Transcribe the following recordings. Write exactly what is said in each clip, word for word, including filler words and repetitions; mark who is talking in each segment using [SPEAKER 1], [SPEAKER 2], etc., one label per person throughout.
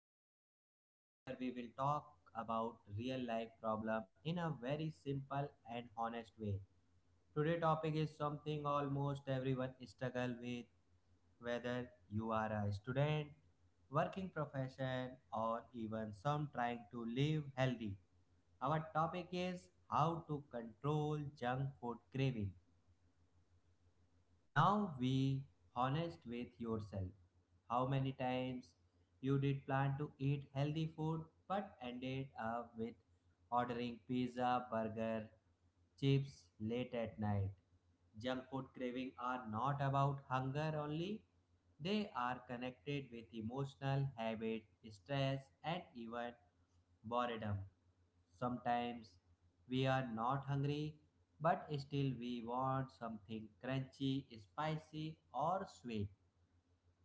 [SPEAKER 1] podcast where we will talk about real life problem in a very simple and honest way. Today topic is something almost everyone struggle with whether you are a student, working profession or even some trying to live healthy. Our topic is how to control junk food craving. Now be honest with yourself. How many times you did plan to eat healthy food but ended up with ordering pizza, burger, chips late at night? Junk food craving are not about hunger only. They are connected with emotional habit, stress and even boredom. Sometimes we are not hungry but still we want something crunchy, spicy, or sweet.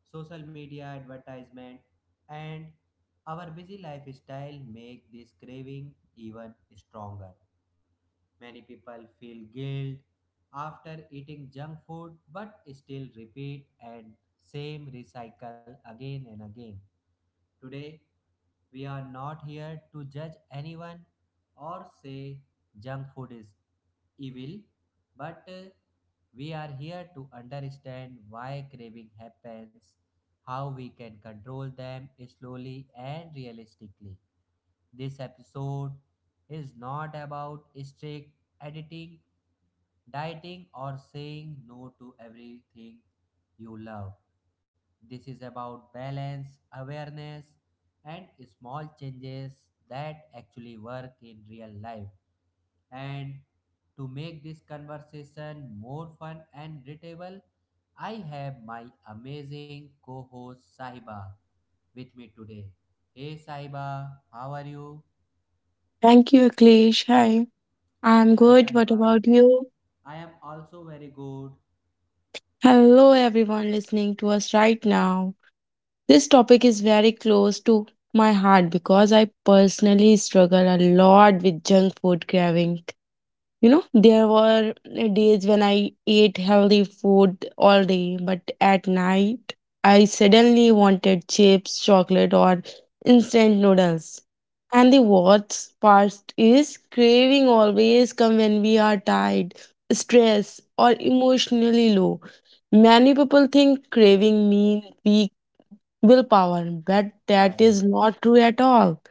[SPEAKER 1] Social media advertisement and our busy lifestyle make this craving even stronger. Many people feel guilt after eating junk food but still repeat and same recycle again and again. Today, we are not here to judge anyone or say junk food is evil, but uh, we are here to understand why craving happens, how we can control them slowly and realistically. This episode is not about strict editing, dieting, or saying no to everything you love. This is about balance, awareness, and small changes that actually work in real life. And to make this conversation more fun and relatable, I have my amazing co host Sahiba with me today. Hey Sahiba, how are you?
[SPEAKER 2] Thank you, Aklesh. Hi, I'm
[SPEAKER 1] Hi
[SPEAKER 2] good. What
[SPEAKER 1] Sahiba.
[SPEAKER 2] about you?
[SPEAKER 1] I am also very good.
[SPEAKER 2] Hello, everyone listening to us right now. This topic is very close to my heart because I personally struggle a lot with junk food craving. You know, there were uh, days when I ate healthy food all day, but at night I suddenly wanted chips, chocolate, or instant noodles. And the worst part is craving always come when we are tired, stressed, or emotionally low. Many people think craving means weak willpower, but
[SPEAKER 1] Yeah,
[SPEAKER 2] that is not true at all.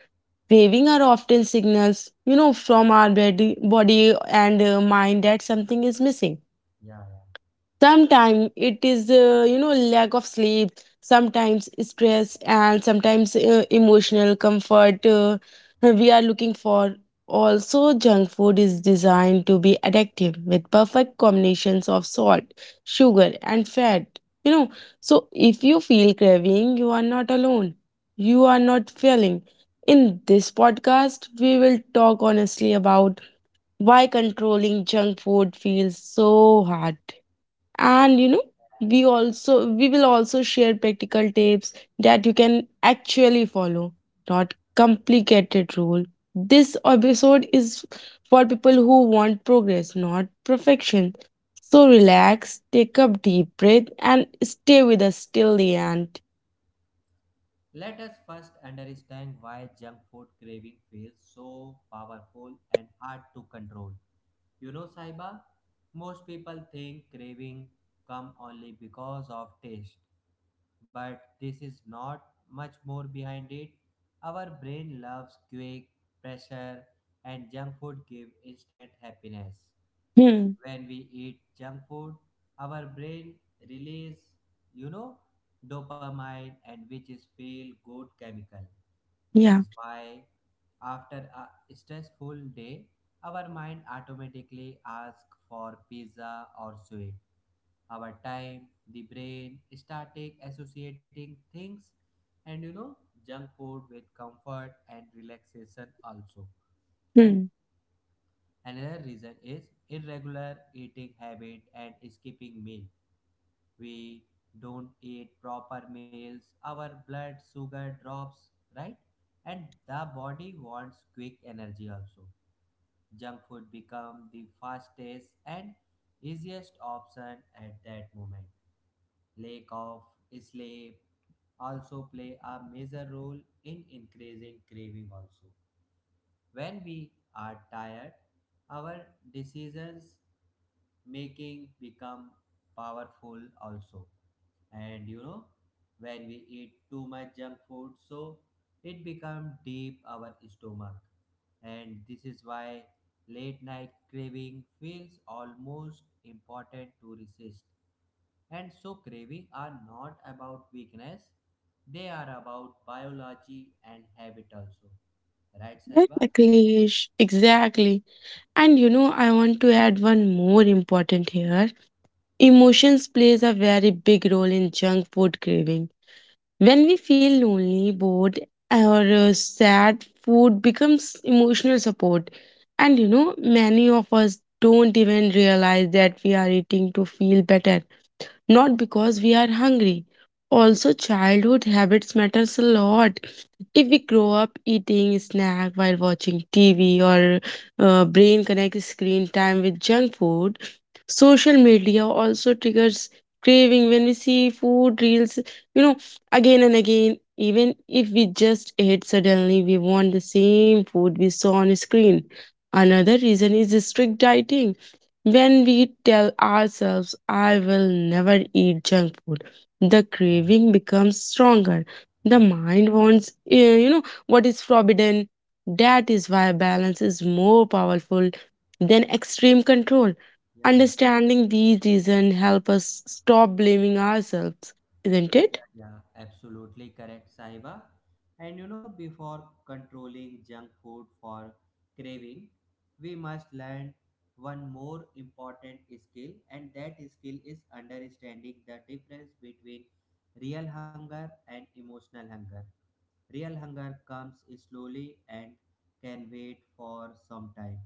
[SPEAKER 2] Waving are often signals, you know, from our body, body and uh, mind that something is missing.
[SPEAKER 1] yeah, yeah.
[SPEAKER 2] Sometimes it is uh, you know lack of sleep, sometimes stress, and sometimes uh, emotional comfort uh, we are looking for. Also, junk food is designed to be addictive with perfect combinations of salt, sugar and fat, you know. So if you feel craving, you are not alone, you are not failing. In this podcast we will talk honestly about why controlling junk food feels so hard. And you know, we also we will also share practical tips that you can actually follow, not complicated rule. This episode is for people who want progress, not perfection. So relax, take a deep breath and stay with us till the end.
[SPEAKER 1] Let us first understand why junk food craving feels so powerful and hard to control. You know, Saiba, most people think craving come only because of taste, but this is not much more behind it. Our brain loves quick pressure and junk food give instant happiness.
[SPEAKER 2] hmm
[SPEAKER 1] When we eat junk food, our brain release, you know, dopamine and which is feel good chemical this is
[SPEAKER 2] yeah
[SPEAKER 1] why after a stressful day our mind automatically asks for pizza or sweet our time the brain started associating things and you know junk food with comfort and relaxation also and
[SPEAKER 2] Hmm.
[SPEAKER 1] another reason is irregular eating habit and skipping meal we don't eat proper meals, our blood sugar drops, right? And the body wants quick energy also. Junk food become the fastest and easiest option at that moment. Lack of sleep also play a major role in increasing craving also. When we are tired, our decisions making become powerful also and you know when we eat too much junk food so it become deep our stomach and this is why late night craving feels almost important to resist and so craving are not about weakness they are about biology and habit also right
[SPEAKER 2] Right,
[SPEAKER 1] saiba.
[SPEAKER 2] Akhilesh, exactly. And you know, I want to add one more important here. Emotions plays a very big role in junk food craving. When we feel lonely, bored, or uh, sad, food becomes emotional support. And you know, many of us don't even realize that we are eating to feel better, not because we are hungry. Also, childhood habits matters a lot. If we grow up eating snack while watching T V or uh, brain connects screen time with junk food, social media also triggers craving when we see food reels, you know, again and again. Even if we just ate suddenly, we want the same food we saw on screen. Another reason is strict dieting. When we tell ourselves, I will never eat junk food, the
[SPEAKER 1] Yeah, yeah.
[SPEAKER 2] craving becomes stronger. The
[SPEAKER 1] Mhm.
[SPEAKER 2] mind wants, eh, you know, what is forbidden. That is why balance is more powerful than extreme control.
[SPEAKER 1] Yeah, yeah.
[SPEAKER 2] Understanding these reasons help us stop blaming ourselves, isn't it?
[SPEAKER 1] Yeah, yeah, absolutely correct, Sahiba. And you know, before controlling junk food for craving, we must learn one more important skill, and that skill is understanding the difference between real hunger and emotional hunger. Real hunger comes slowly and can wait for some time.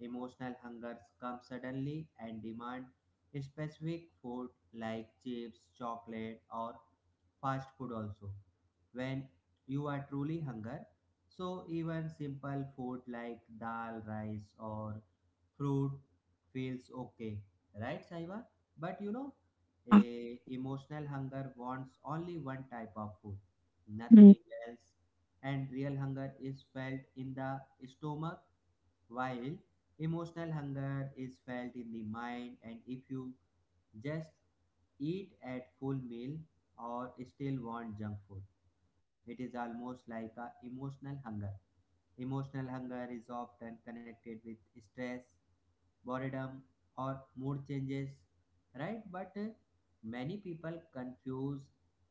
[SPEAKER 1] Emotional hunger comes suddenly and demand specific food like chips, chocolate or fast food also. When you are truly hunger, so even simple food like dal, rice or fruit feels okay, right Saiba? But you know,
[SPEAKER 2] Yeah.
[SPEAKER 1] a emotional hunger wants only one type of food nothing else. And real hunger is felt in the stomach while emotional hunger is felt in the mind and if you just eat at full meal or still want junk food it is almost like a emotional hunger emotional hunger is often connected with stress boredom or mood changes right but uh, many people confuse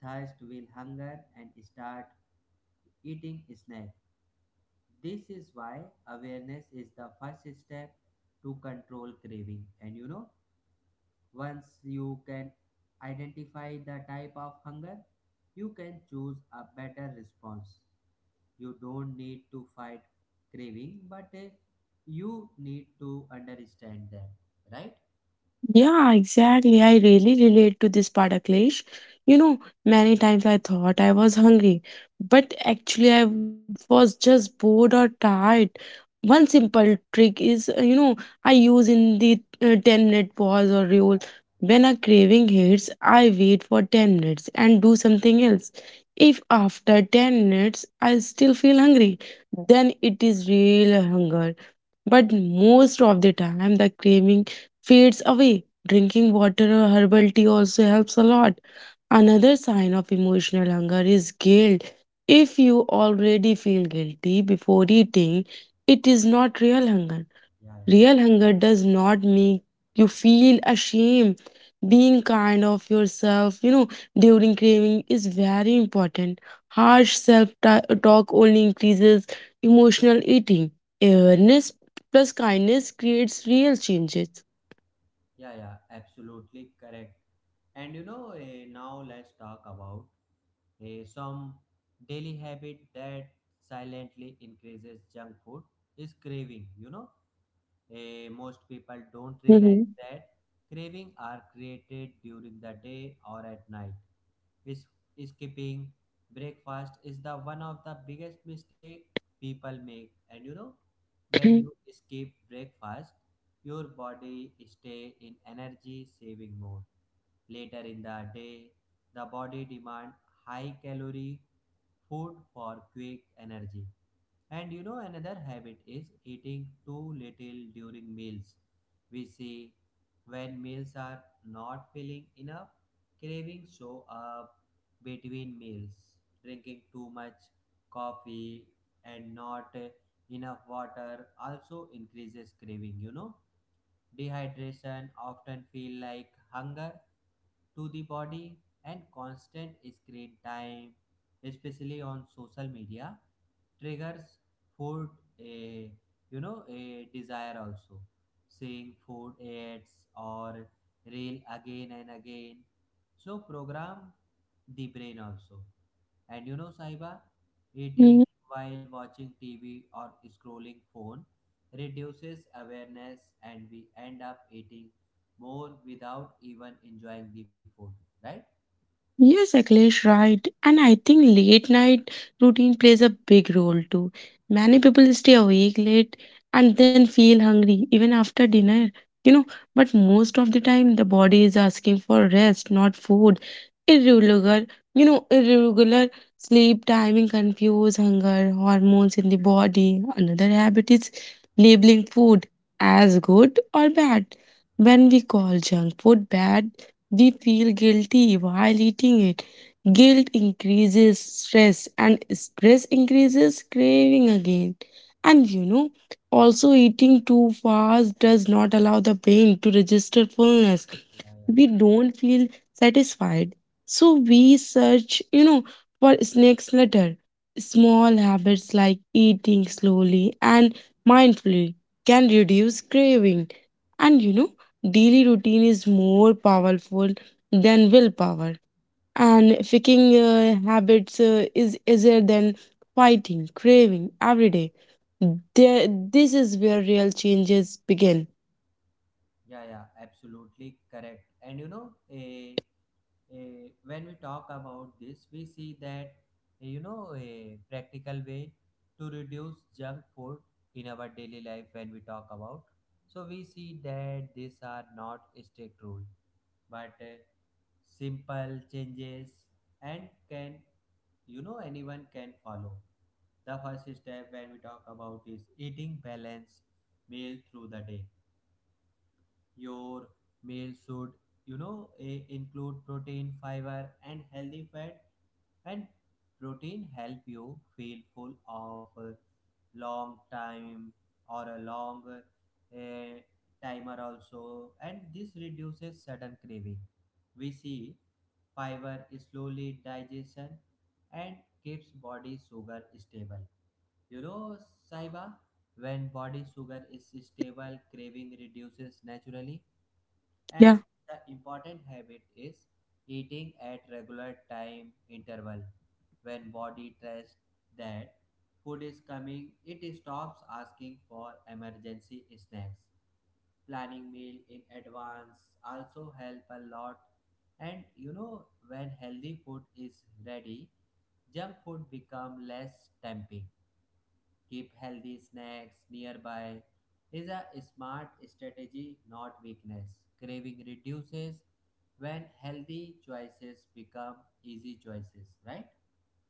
[SPEAKER 1] thirst with hunger and start eating snacks this is why awareness is the first step to control craving. And you know, once you can identify the type of hunger, you can choose a better response. You don't need to fight craving, but eh, you need to understand them, right?
[SPEAKER 2] Yeah, exactly. I really relate to this part, Akhilesh. You know, many times I thought I was hungry, but actually I was just bored or tired. One simple trick is, uh, you know, I use in the uh, ten minute pause or rule. When a craving hits, I wait for ten minutes and do something else. If after ten minutes I still feel hungry, then it is real hunger. But most of the time, the craving fades away. Drinking water or herbal tea also helps a lot. Another sign of emotional hunger is guilt. If you already feel guilty before eating, it is not real hunger.
[SPEAKER 1] Yeah, yeah,
[SPEAKER 2] Real hunger does not make you feel ashamed. Being kind of yourself, you know, during craving is very important. Harsh self talk only increases emotional eating. Awareness plus kindness creates real changes.
[SPEAKER 1] yeah, yeah, absolutely correct. And you know, eh, now let's talk about Eh, some daily habit that silently increases junk food is craving. You know, Eh, most people don't realize that craving are created during the day or at night. Is skipping breakfast is the one of the biggest mistake people make, and you know, when you skip breakfast, your body stay in energy saving mode. Later in the day, the body demand high calorie food for quick energy. And you know, another habit is eating too little during meals. We see when meals are not filling enough, cravings show up between meals. Drinking too much coffee and not uh, enough water also increases craving, you know. Dehydration often feel like hunger to the body and constant screen time, especially on social media, triggers food a you know a desire also. Seeing food ads or reel again and again, so program the brain also. And you know, Sahiba, eating
[SPEAKER 2] Mhm.
[SPEAKER 1] while watching T V or scrolling phone reduces awareness and we end up eating more without even enjoying the food, right?
[SPEAKER 2] Yes, Akhilesh, right. And I think late night routine plays a big role too. Many people stay awake late and then feel hungry even after dinner, you know. But most of the time, the body is asking for rest, not food. Irregular, you know, irregular sleep timing confuse hunger, hormones in the body. Another habit is labeling food as good or bad. When we call junk food bad, we feel guilty while eating it. Guilt increases stress, and stress increases craving again. And you know, also eating too fast does not allow the brain to register fullness.
[SPEAKER 1] Yeah, yeah.
[SPEAKER 2] We don't feel satisfied. So we search, you know, for snacks later. Small habits like eating slowly and mindfully can reduce craving. And you know, daily routine is more powerful than willpower, and faking uh, habits uh, is easier than fighting craving every day. There, this is where real changes begin.
[SPEAKER 1] Yeah, yeah, absolutely correct. And you know, a a when we talk about this, we see that eh, you know a practical way to reduce junk food in our daily life when we talk about. So we see that these are not strict rule. but uh, simple changes and can you know anyone can follow the first step when we talk about is eating balanced meal through the day your meal should you know eh, include protein fiber and healthy fat and protein help you feel full of uh, long time or a long uh, timer also and this reduces sudden craving we see fiber slowly digestion and keeps body sugar stable you know saiba when body sugar is stable craving reduces naturally
[SPEAKER 2] Yeah.
[SPEAKER 1] and the important habit is eating at regular time interval when body trusts that food is coming it stops asking for emergency snacks planning meal in advance also help a lot and you know when healthy food is ready junk food become less tempting. Keep healthy snacks nearby is a smart strategy, not weakness. Craving reduces when healthy choices become easy choices, right?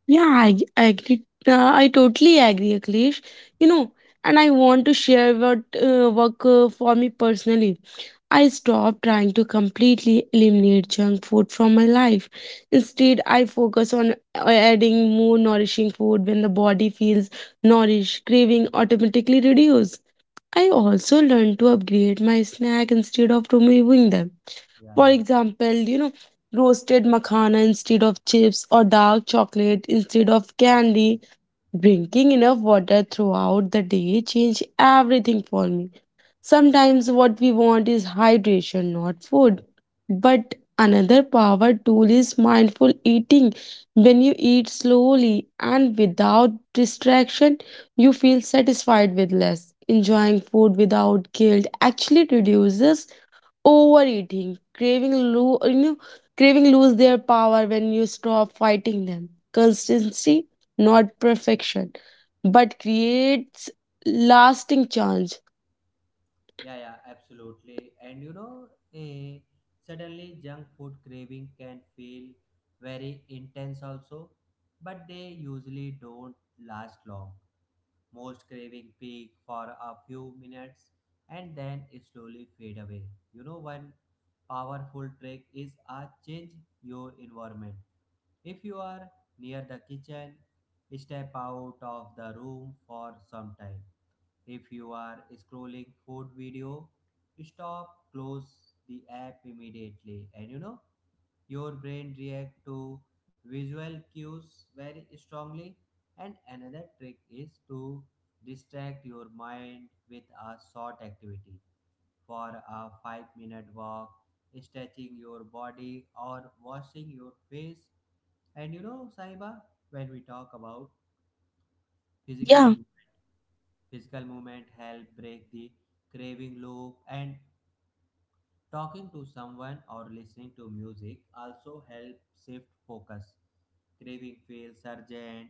[SPEAKER 2] Yeah, I, I agree. Uh, I totally agree, Akhilesh. You know, and I want to share what uh, work uh, for me personally. I stopped trying to completely eliminate junk food from my life. Instead, I focus on uh, adding more nourishing food. When the body feels nourished, craving automatically reduce. I also learned to upgrade my snack instead of removing them.
[SPEAKER 1] Yeah, yeah,
[SPEAKER 2] For example, you know, roasted makhana instead of chips, or dark chocolate instead of candy. Drinking enough water throughout the day changed everything for me. Sometimes what we want is hydration, not
[SPEAKER 1] yeah,
[SPEAKER 2] food. But another power tool is mindful eating. When you eat slowly and without distraction, you feel satisfied with less. Enjoying food without guilt actually reduces overeating. Craving lo- you know, craving lose their power when you stop fighting them. Consistency, not perfection, but creates lasting change.
[SPEAKER 1] yeah, yeah, absolutely. And you know, eh, suddenly junk food craving can feel very intense also, but they usually don't last long. Most craving peak for a few minutes and then slowly fade away. You know, one powerful trick is a change your environment. If you are near the kitchen, step out of the room for some time. If you are scrolling food video, stop, close the app immediately. And you know, your brain react to visual cues very strongly and another trick is to distract your mind with a short activity for a five minute walk stretching your body or washing your face and you know saiba when we talk about physical
[SPEAKER 2] Yeah.
[SPEAKER 1] movement physical movement help break the craving loop and talking to someone or listening to music also help shift focus craving feels urgent,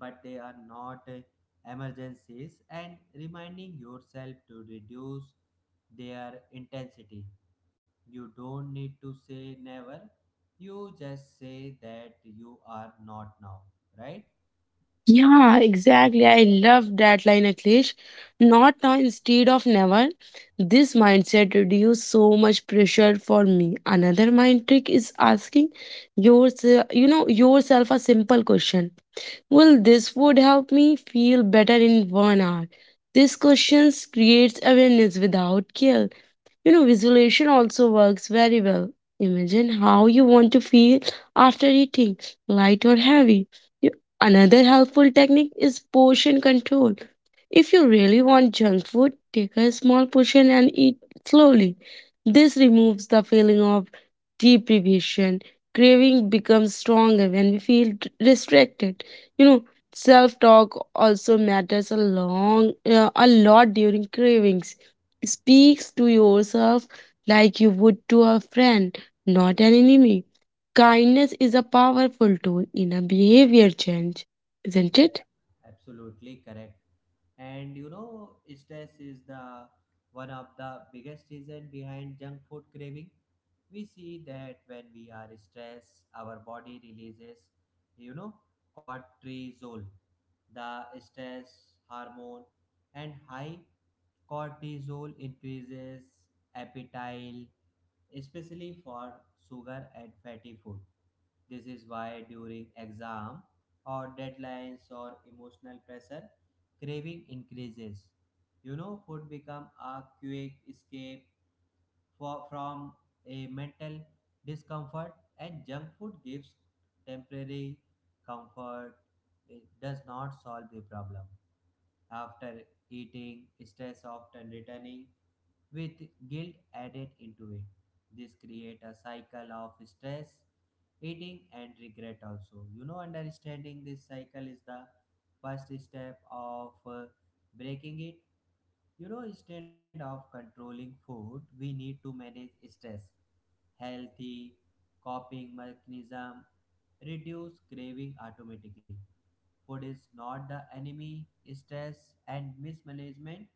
[SPEAKER 1] but they are not uh, emergencies, and reminding yourself to reduce their intensity. You don't need to say never, you just say that you are not now, right?
[SPEAKER 2] Yeah, exactly. I love that line, Akhilesh. Not now instead of never. This mindset reduces so much pressure for me. Another mind trick is asking yourself, you know, yourself a simple question. Will this food help me feel better in one hour? These questions creates awareness without guilt. You know, visualization also works very well. Imagine how you want to feel after eating, light or heavy. You- Another helpful technique is portion control. If you really want junk food, take a small portion and eat slowly. This removes the feeling of deprivation. Craving becomes stronger when we feel d- restricted. You know, self talk also matters a long, uh, a lot during cravings. Speaks to yourself like you would to a friend, not an enemy. Kindness is a powerful tool in a behavior change, isn't
[SPEAKER 1] Yeah,
[SPEAKER 2] it?
[SPEAKER 1] yeah, absolutely correct. And you know stress is the one of the biggest reason behind junk food craving we see that when we are stressed our body releases you know cortisol the stress hormone and high cortisol increases appetite, especially for sugar and fatty food. This is why during exam or deadlines or emotional pressure, craving increases. You know, food become a quick escape for, from a mental discomfort, and junk food gives temporary comfort. It does not solve the problem. After eating, stress often returning, with guilt added into it. This create a cycle of stress, eating and regret also. You know, understanding this cycle is the first step of uh, breaking it. You know, instead of controlling food, we need to manage stress healthy coping mechanism reduce craving automatically. Food is not the enemy, stress and mismanagement.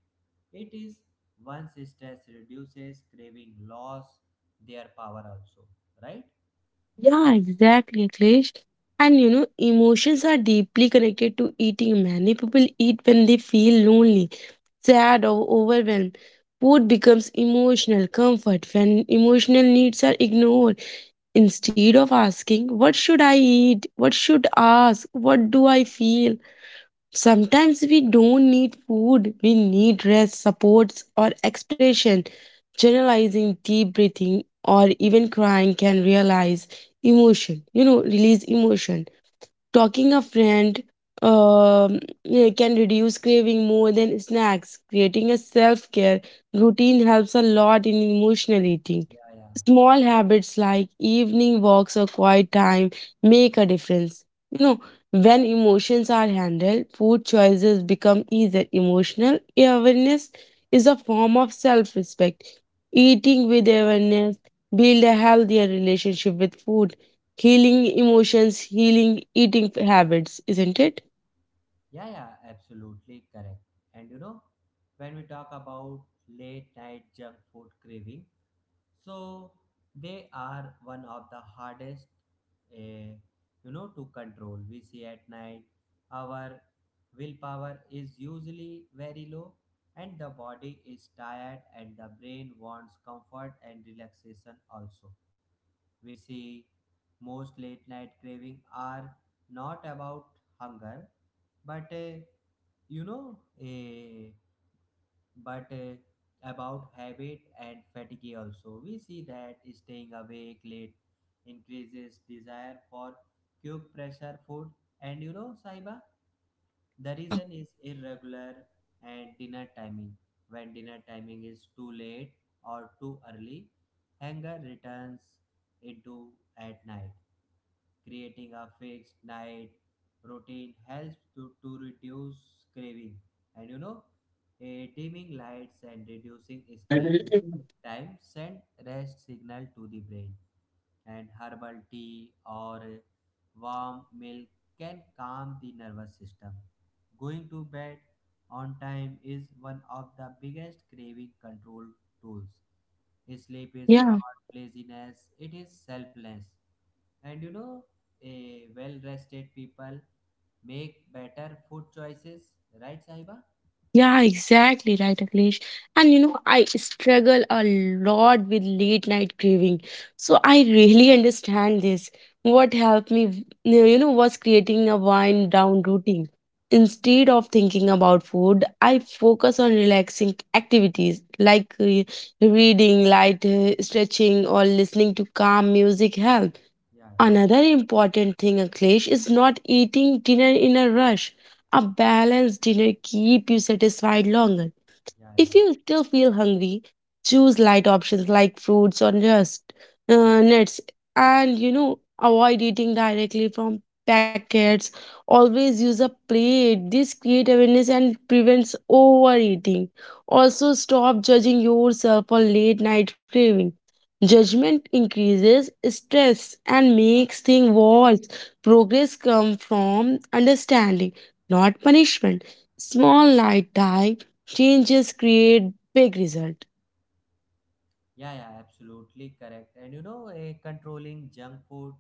[SPEAKER 1] It is once stress reduces, craving loss their power also, right?
[SPEAKER 2] Yeah, exactly, Akhilesh. And you know, emotions are deeply connected to eating. Many people eat when they feel lonely, sad, or overwhelmed. Food becomes emotional comfort when emotional needs are ignored. Instead of asking, what should I eat? What should I ask? What do I feel? Sometimes we don't need food, we need rest, supports, or expression. Generalizing, deep breathing, or even crying can realize emotion, you know, release emotion. Talking a friend um, eh, can reduce craving more than snacks. Creating a self care routine helps a lot in emotional eating.
[SPEAKER 1] Yeah, yeah,
[SPEAKER 2] Small habits like evening walks or quiet time make a difference. You know, when emotions are handled, food choices become easier. Emotional awareness is a form of self respect. Eating with awareness build a healthier relationship with food. Healing emotions, healing eating habits, isn't it?
[SPEAKER 1] yeah, yeah, absolutely correct. And you know, when we talk about late night junk food craving, so they are one of the hardest eh, you know to control we see at night our willpower is usually very low and the body is tired and the brain wants comfort and relaxation also we see most late night craving are not about hunger but eh, you know eh but uh, about habit and fatigue also we see that staying awake late increases desire for quick pressure food and you know saiba the
[SPEAKER 2] Yeah.
[SPEAKER 1] reason is irregular and dinner timing when dinner timing is too late or too early hunger returns into at night. Creating a fixed night routine helps to, to reduce craving. And you know, eh, dimming lights and reducing screen time send rest signal to the brain. And herbal tea or warm milk can calm the nervous system. Going to bed on time is one of the biggest craving control tools. Sleep is not
[SPEAKER 2] Yeah.
[SPEAKER 1] laziness, it is selfless. And you know, a well rested people make better food choices, right, Sahiba?
[SPEAKER 2] Yeah, exactly right, Akhilesh. And you know, I struggle a lot with late night craving. So I really understand this. What helped me, you know, was creating a wind down routine. Instead of thinking about food, I focus on relaxing activities like uh, reading, light uh, stretching, or listening to calm music helps.
[SPEAKER 1] Yeah, yeah,
[SPEAKER 2] Another important thing, Akhilesh, is not eating dinner in a rush. A balanced dinner keep you satisfied longer.
[SPEAKER 1] yeah, yeah.
[SPEAKER 2] If you still feel hungry, choose light options like fruits or just uh, nuts, and you know, avoid eating directly from packets. Always use a plate. This creates awareness and prevents overeating. Also, stop judging yourself for late night craving. Judgment increases stress and makes things worse. Progress comes from understanding, not punishment. Small light diet changes create big result.
[SPEAKER 1] Yeah, yeah, yeah, absolutely correct. And you know, eh, Controlling junk food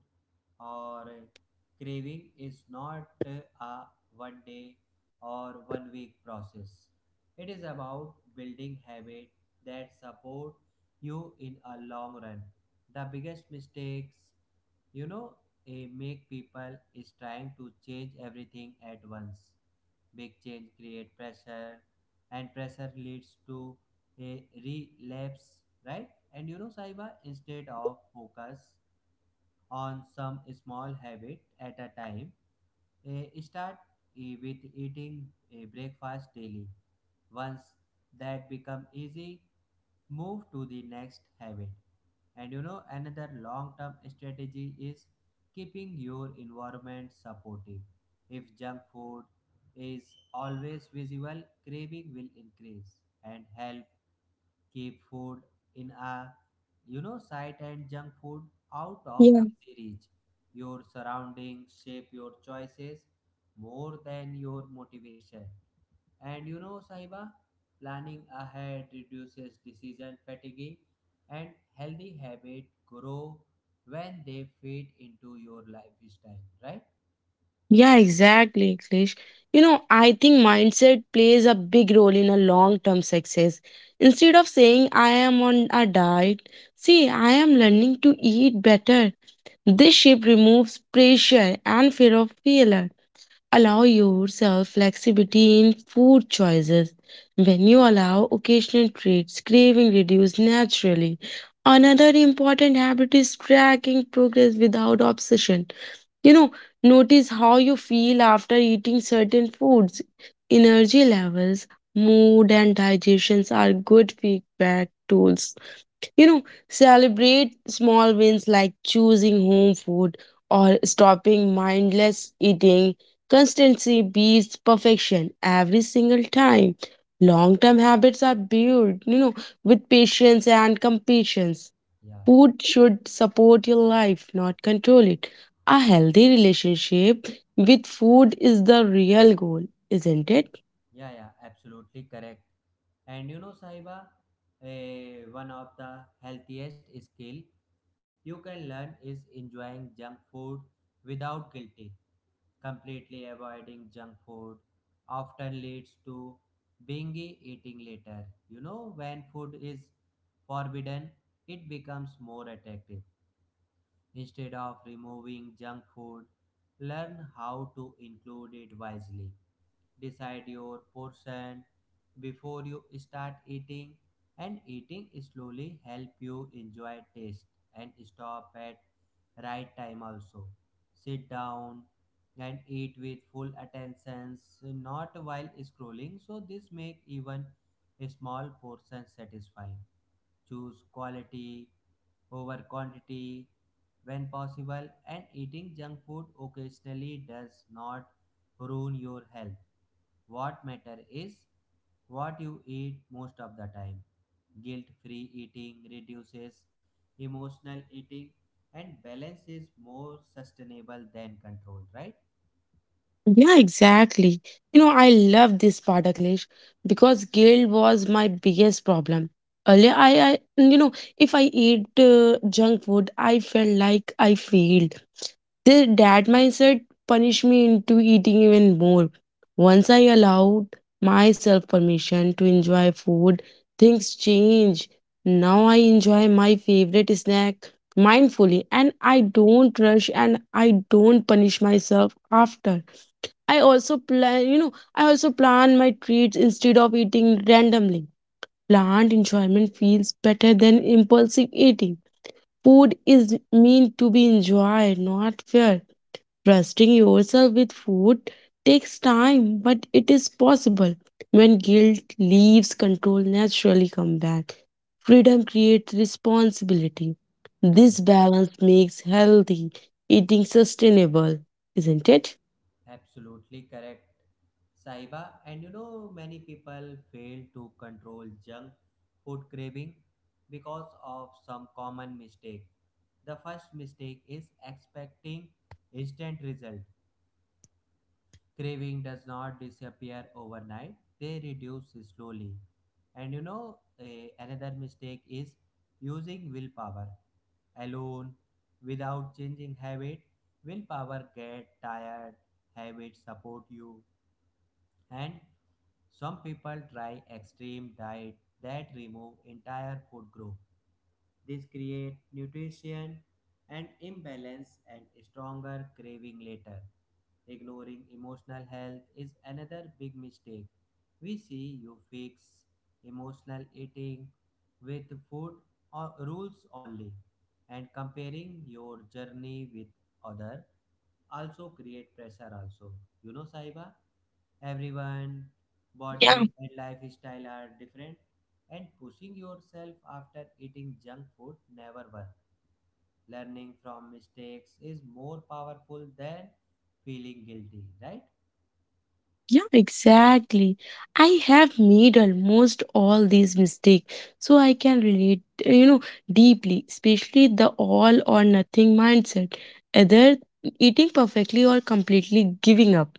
[SPEAKER 1] or eh, craving is not eh, a one day or one week process. It is about building habit that support you in a long run. The biggest mistakes you know a make people is trying to change everything at once. Big change create pressure and pressure leads to a relapse, right? And you know Saiba, instead of focus on some small habit at a time, eh, start eh, with eating a breakfast daily. Once that become easy, move to the next habit. And you know, another long term strategy is keeping your environment supportive. If junk food is always visible, craving will increase and help keep food in a you know sight, and junk food out of
[SPEAKER 2] Yeah.
[SPEAKER 1] easy reach. Your surroundings shape your choices more than your motivation. And you know, Sahiba, planning ahead reduces decision fatigue and healthy habits grow when they fit into your lifestyle, right?
[SPEAKER 2] Yeah, exactly, Klish. You know, I think mindset plays a big role in a long-term success. Instead of saying I am on a diet, see, I am learning to eat better. This shift removes pressure and fear of failure. Allow yourself flexibility in food choices. When you allow occasional treats, craving reduce naturally. Another important habit is tracking progress without obsession. You know, notice how you feel after eating certain foods. Energy levels, mood, and digestions are good feedback tools. You know, celebrate small wins like choosing home food or stopping mindless eating. Constancy beats perfection every single time. Long term habits are built, you know, with patience and compassion.
[SPEAKER 1] Yeah.
[SPEAKER 2] Food should support your life, not control it. A healthy relationship with food is the real goal, isn't it?
[SPEAKER 1] Yeah, yeah, absolutely correct. And you know, Sahiba, eh, One of the healthiest skill you can learn is enjoying junk food without guilty. Completely avoiding junk food often leads to bingy eating later. You know, when food is forbidden, it becomes more attractive. Instead of removing junk food, learn how to include it wisely. Decide your portion before you start eating, and eating slowly help you enjoy taste and stop at right time also. Sit down and eat with full attentions, not while scrolling, so this make even a small portion satisfying. Choose quality over quantity when possible, and eating junk food occasionally does not ruin your health. What matter is what you eat most of the time. Guilt-free eating reduces emotional eating, and balance is more sustainable than control, right?
[SPEAKER 2] Yeah, exactly. You know, I love this part, Akhilesh, because guilt was my biggest problem. Earlier, I, I you know, if I eat uh, junk food, I felt like I failed. The, that mindset punished me into eating even more. Once I allowed myself permission to enjoy food, things change. Now I enjoy my favorite snack mindfully and I don't rush and I don't punish myself after. I also plan, you know, I also plan my treats instead of eating randomly. Planned enjoyment feels better than impulsive eating. Food is meant to be enjoyed, not feared. Trusting yourself with food takes time, but it is possible. When guilt leaves, control naturally come back. Freedom creates responsibility.
[SPEAKER 1] Yeah,
[SPEAKER 2] This balance makes healthy eating sustainable, isn't it?
[SPEAKER 1] absolutely correct, Saiba. And you know, many people fail to control junk food craving because of some common mistake. The first mistake is expecting instant result. Craving does not disappear overnight, they reduce slowly. And you know, eh, Another mistake is using willpower alone without changing habit. Willpower get tired, habit support you. And some people try extreme diet that remove entire food group. This create nutrition and imbalance and stronger craving later. Ignoring emotional health is another big mistake. We see you fix emotional eating with food or rules only, and comparing your journey with other also create pressure also. you know Saiba, everyone,
[SPEAKER 2] Yeah.
[SPEAKER 1] body and lifestyle are different, and pushing yourself after eating junk food never works. Learning from mistakes is more powerful than feeling guilty, right?
[SPEAKER 2] Yeah, exactly. I have made almost all these mistakes, so I can relate, uh, you know, deeply, especially the all or nothing mindset, either eating perfectly or completely giving up.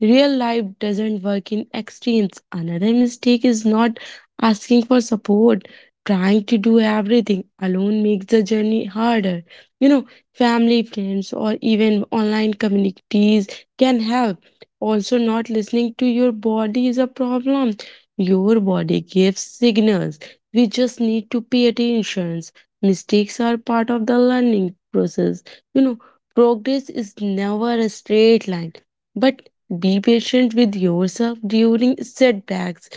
[SPEAKER 2] Real life doesn't work in extremes. Another mistake is not asking for support. Trying to do everything alone makes the journey harder. You know, Family, friends, or even online communities can help. Also, not listening to your body is a problem. Your body gives signals. We just need to pay attention. Mistakes are part of the learning process. You know, Progress is never a straight line. But be patient with yourself during setbacks.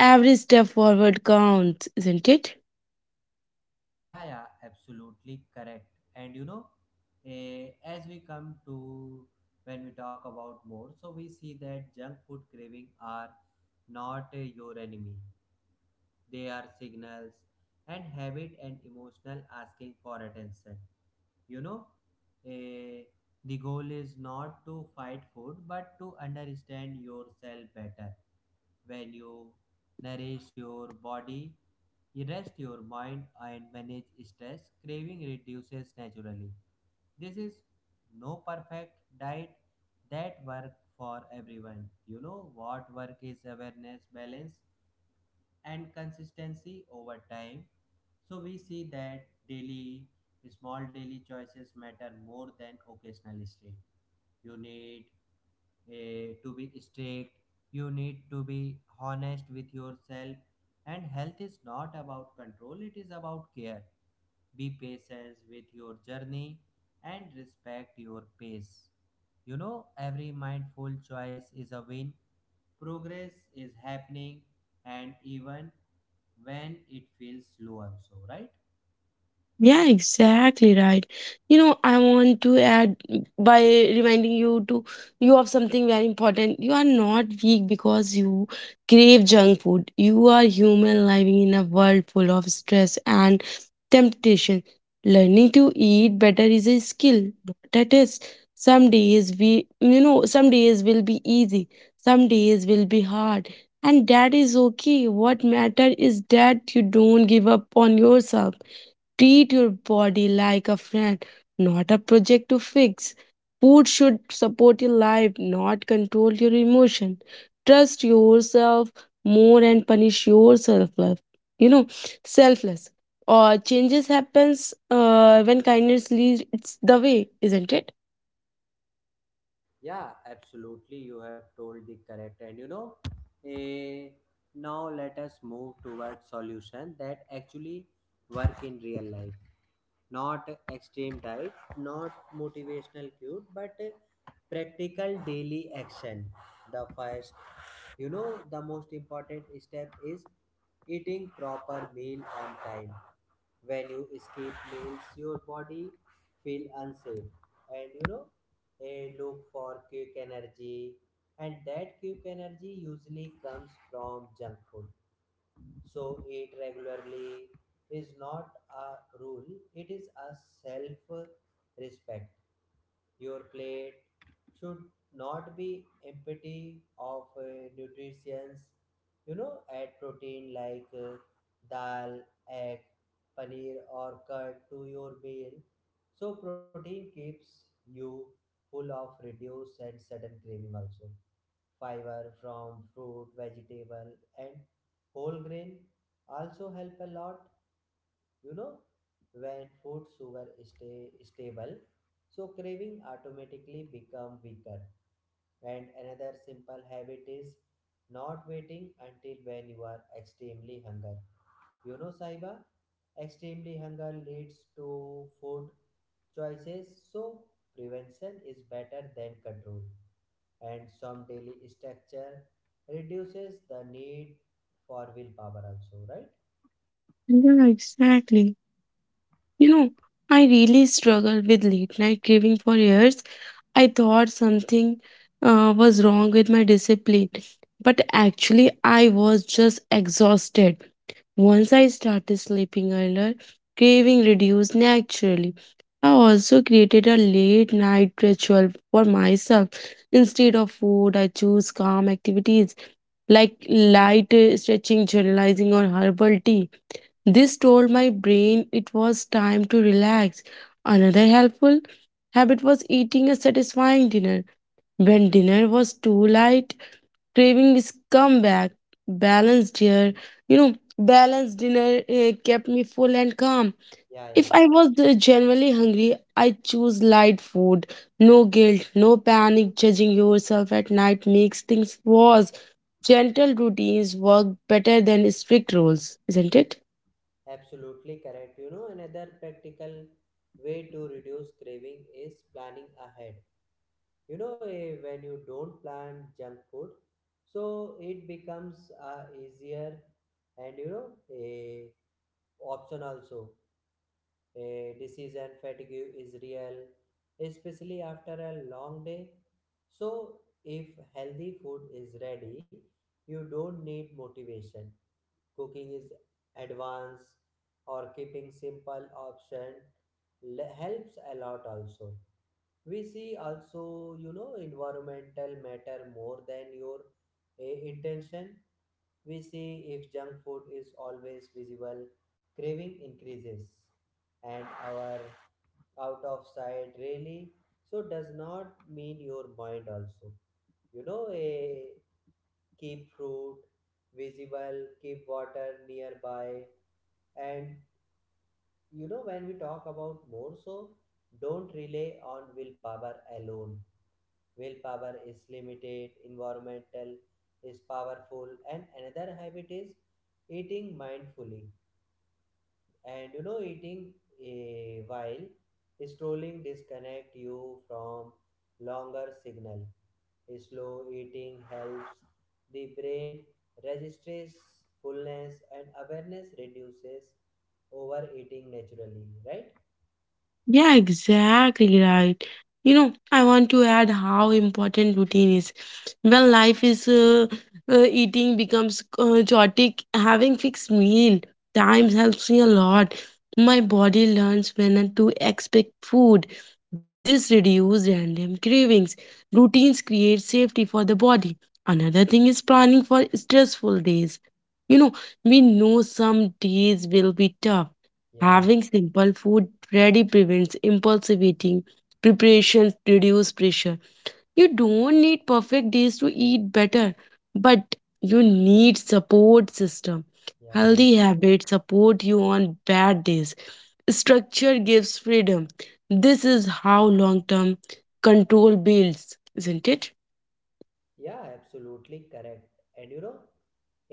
[SPEAKER 2] Every step forward counts, isn't it?
[SPEAKER 1] Yeah, yeah, absolutely correct. And you know, eh, As we come to when we talk about more, so we see that junk food craving are not eh, your enemy. They are signals and habit and emotional asking for attention. you know eh, the goal is not to fight food but to understand yourself better. When you nourish your body, you rest your mind and manage stress, craving reduces naturally. This is no perfect diet that work for everyone. You know what work is awareness, balance, and consistency over time. So we see that daily, small daily choices matter more than occasional strain. You need eh, to be strict, you need to be honest with yourself, and health is not about control, it is about care. Be patient with your journey and respect your pace. You know, every mindful choice is a win. Progress is happening, and even when it feels slow also, right?
[SPEAKER 2] Yeah, exactly right. You know, I want to add by reminding you to you of something very important. You are not weak because you crave junk food. You are human living in a world full of stress and temptation. Learning to eat better is a skill, not a test. Some days we you know, some days will be easy, some days will be hard. And that is okay. What matter is that you don't give up on yourself. Treat your body like a friend, not a project to fix. Food should support your life, not control your emotion. Trust yourself more and punish yourself. Love. You know, Selfless. Or changes happens uh, when kindness leads the way, isn't it?
[SPEAKER 1] Yeah, absolutely. You have told the correct. And you know, eh, Now let us move towards solution that actually work in real life. Not extreme diet, not motivational cute, but eh, practical daily action. The first, you know, the most important step is eating proper meal on time. When you escape means your body feel unsafe, and you know a look for quick energy, and that quick energy usually comes from junk food. So eat regularly is not a rule, it is a self respect. Your plate should not be empty of uh, nutrients. You know, add protein like uh, dal, egg, paneer, or curd to your meal. So protein keeps you full of reduce and sudden craving also. Fiber from fruit, vegetable, and whole grain also help a lot. you know when food sugar stay stable, so craving automatically become weaker. And another simple habit is not waiting until when you are extremely hunger. you know Saiba, extremely hunger leads to food choices. So prevention is better than control, and some daily structure reduces the need for willpower also, right?
[SPEAKER 2] Yeah, exactly. You know, I really struggled with late night craving for years. I thought something uh, was wrong with my discipline, but actually, I was just exhausted. Once I started sleeping earlier, craving reduced naturally. I also created a late night ritual for myself. Instead of food, I choose calm activities like light uh, stretching, journalizing, or herbal tea. This told my brain it was time to relax. Another helpful habit was eating a satisfying dinner. When dinner was too light, craving is come back. Balanced here you know Balanced dinner uh, kept me full and calm.
[SPEAKER 1] Yeah, yeah,
[SPEAKER 2] If I was uh, genuinely hungry, I choose light food. No guilt, no panic. Judging yourself at night makes things worse. Gentle routines work better than strict rules, isn't it?
[SPEAKER 1] absolutely correct. You know, another practical way to reduce craving is planning ahead. You know, eh, when you don't plan junk food, so it becomes uh, easier, and you know, a option also. A disease and fatigue is real, especially after a long day. So, if healthy food is ready, you don't need motivation. Cooking is advanced or keeping simple option le- helps a lot also. We see also, you know environmental matter more than your eh, intention. We see if junk food is always visible, craving increases. And our out of sight really so does not mean your mind also. You know a keep fruit visible, keep water nearby. And you know, when we talk about more, so don't rely on willpower alone. Willpower is limited, environmental is powerful. And another habit is eating mindfully. And you know eating eh, while strolling disconnect you from longer signal. Slow eating helps the brain registers fullness, and awareness reduces overeating naturally, right?
[SPEAKER 2] Yeah, exactly right. You know, I want to add how important routine is. When life is uh, uh, eating becomes uh, chaotic, having fixed meal times helps me a lot. My body learns when to expect food. This reduces random cravings. Routines create safety for the body. Another thing is planning for stressful days. You know, we know some days will be tough.
[SPEAKER 1] Yeah,
[SPEAKER 2] Having simple food ready prevents impulsive eating. Preparations reduce pressure. You don't need perfect days to eat better, but you need support system.
[SPEAKER 1] yeah, yeah.
[SPEAKER 2] Healthy habits support you on bad days. Structure gives freedom. This is how long-term control builds, isn't it?
[SPEAKER 1] Yeah, absolutely correct. And you know,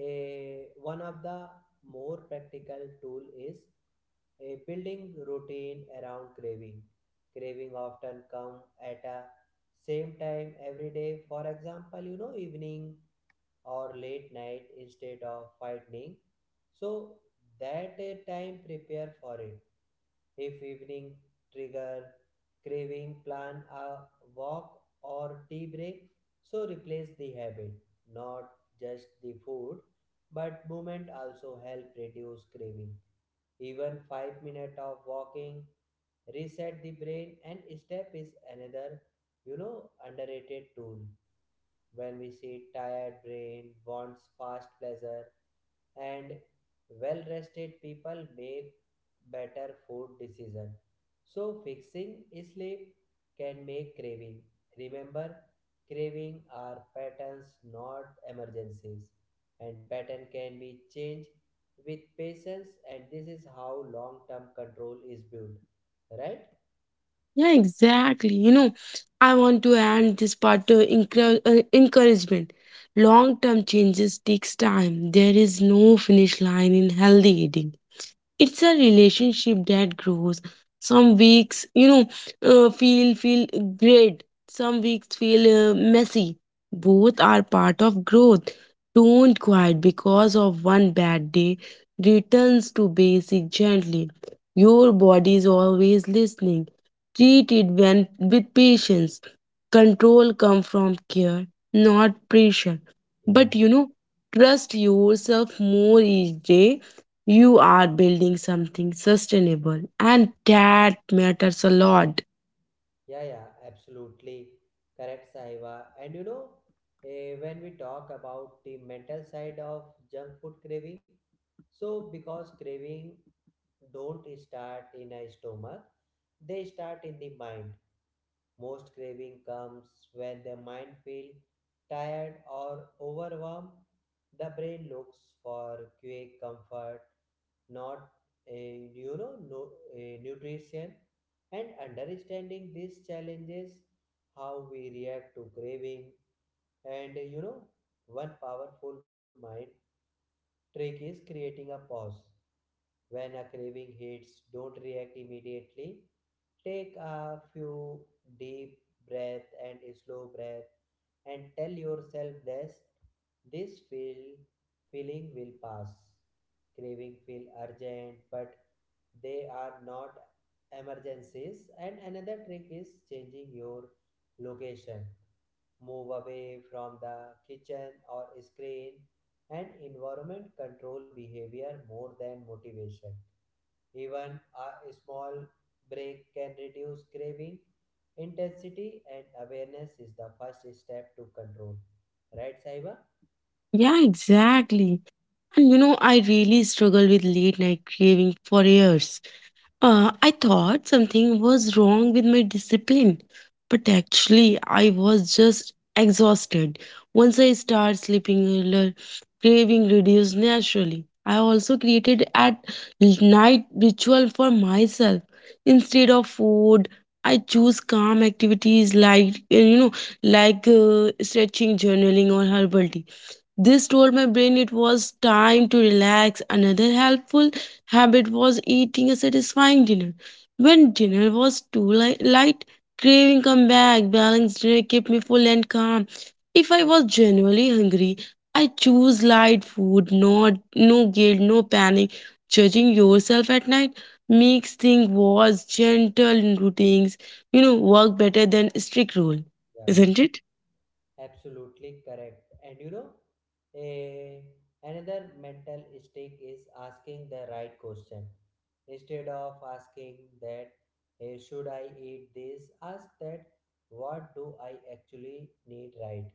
[SPEAKER 1] a one of the more practical tool is a building routine around craving. Craving often come at a same time every day. For example, you know, evening or late night, instead of fighting. So that a time prepare for it. If evening trigger craving, plan a walk or tea break. So replace the habit, not just the food, but movement also help reduce craving. Even five minutes of walking reset the brain, and step is another you know underrated tool. When we see tired brain wants fast pleasure, and well rested people make better food decision, so fixing sleep can make craving remember. Craving are patterns, not emergencies, and pattern can be changed with patience. And this is how long term control is built, right?
[SPEAKER 2] Yeah, exactly. You know, I want to end this part to encourage, uh, encouragement. Long term changes takes time. There is no finish line in healthy eating. It's a relationship that grows. Some weeks you know uh, feel feel great, some weeks feel uh, messy. Both are part of growth. Don't quit because of one bad day. Returns to basic gently. Your body is always listening. Treat it, when, with patience. Control come from care, not pressure.
[SPEAKER 1] Yeah,
[SPEAKER 2] But you know trust yourself more each day. You are building something sustainable, and that matters a lot.
[SPEAKER 1] yeah, yeah, absolutely correct, Saiva. And you know eh, when we talk about the mental side of junk food craving. So because craving don't start in a stomach, they start in the mind. Most craving comes when the mind feel tired or overwhelmed. The brain looks for quick comfort, not a you know no, a nutrition. And understanding these challenges, how we react to craving. And you know one powerful mind trick is creating a pause. When a craving hits, don't react immediately. Take a few deep breath and a slow breath, and tell yourself this this feel feeling will pass. Craving feel urgent, but they are not emergencies. And another trick is changing your location, move away from the kitchen or screen. And environment control behavior more than motivation. Even a small break can reduce craving intensity, and awareness is the first step to control, right, Saiba?
[SPEAKER 2] Yeah, exactly. And you know, I really struggled with late night craving for years. Uh, I thought something was wrong with my discipline, but actually, I was just exhausted. Once I started sleeping earlier, craving reduced naturally. I also created at night ritual for myself. Instead of food, I choose calm activities like uh, you know, like uh, stretching, journaling, or herbal tea. This told my brain it was time to relax. Another helpful habit was eating a satisfying dinner. When dinner was too li- light, craving come back. Balanced dinner kept me full and calm. If I was genuinely hungry, I choose light food, not no guilt, no panic. Judging yourself at night makes things worse. Gentle routines, you know, work better than strict rule,
[SPEAKER 1] Yeah.
[SPEAKER 2] isn't it?
[SPEAKER 1] Absolutely correct. And you know, a, another mental mistake is asking the right question. Instead of asking that, eh, should I eat this, ask that, what do I actually need right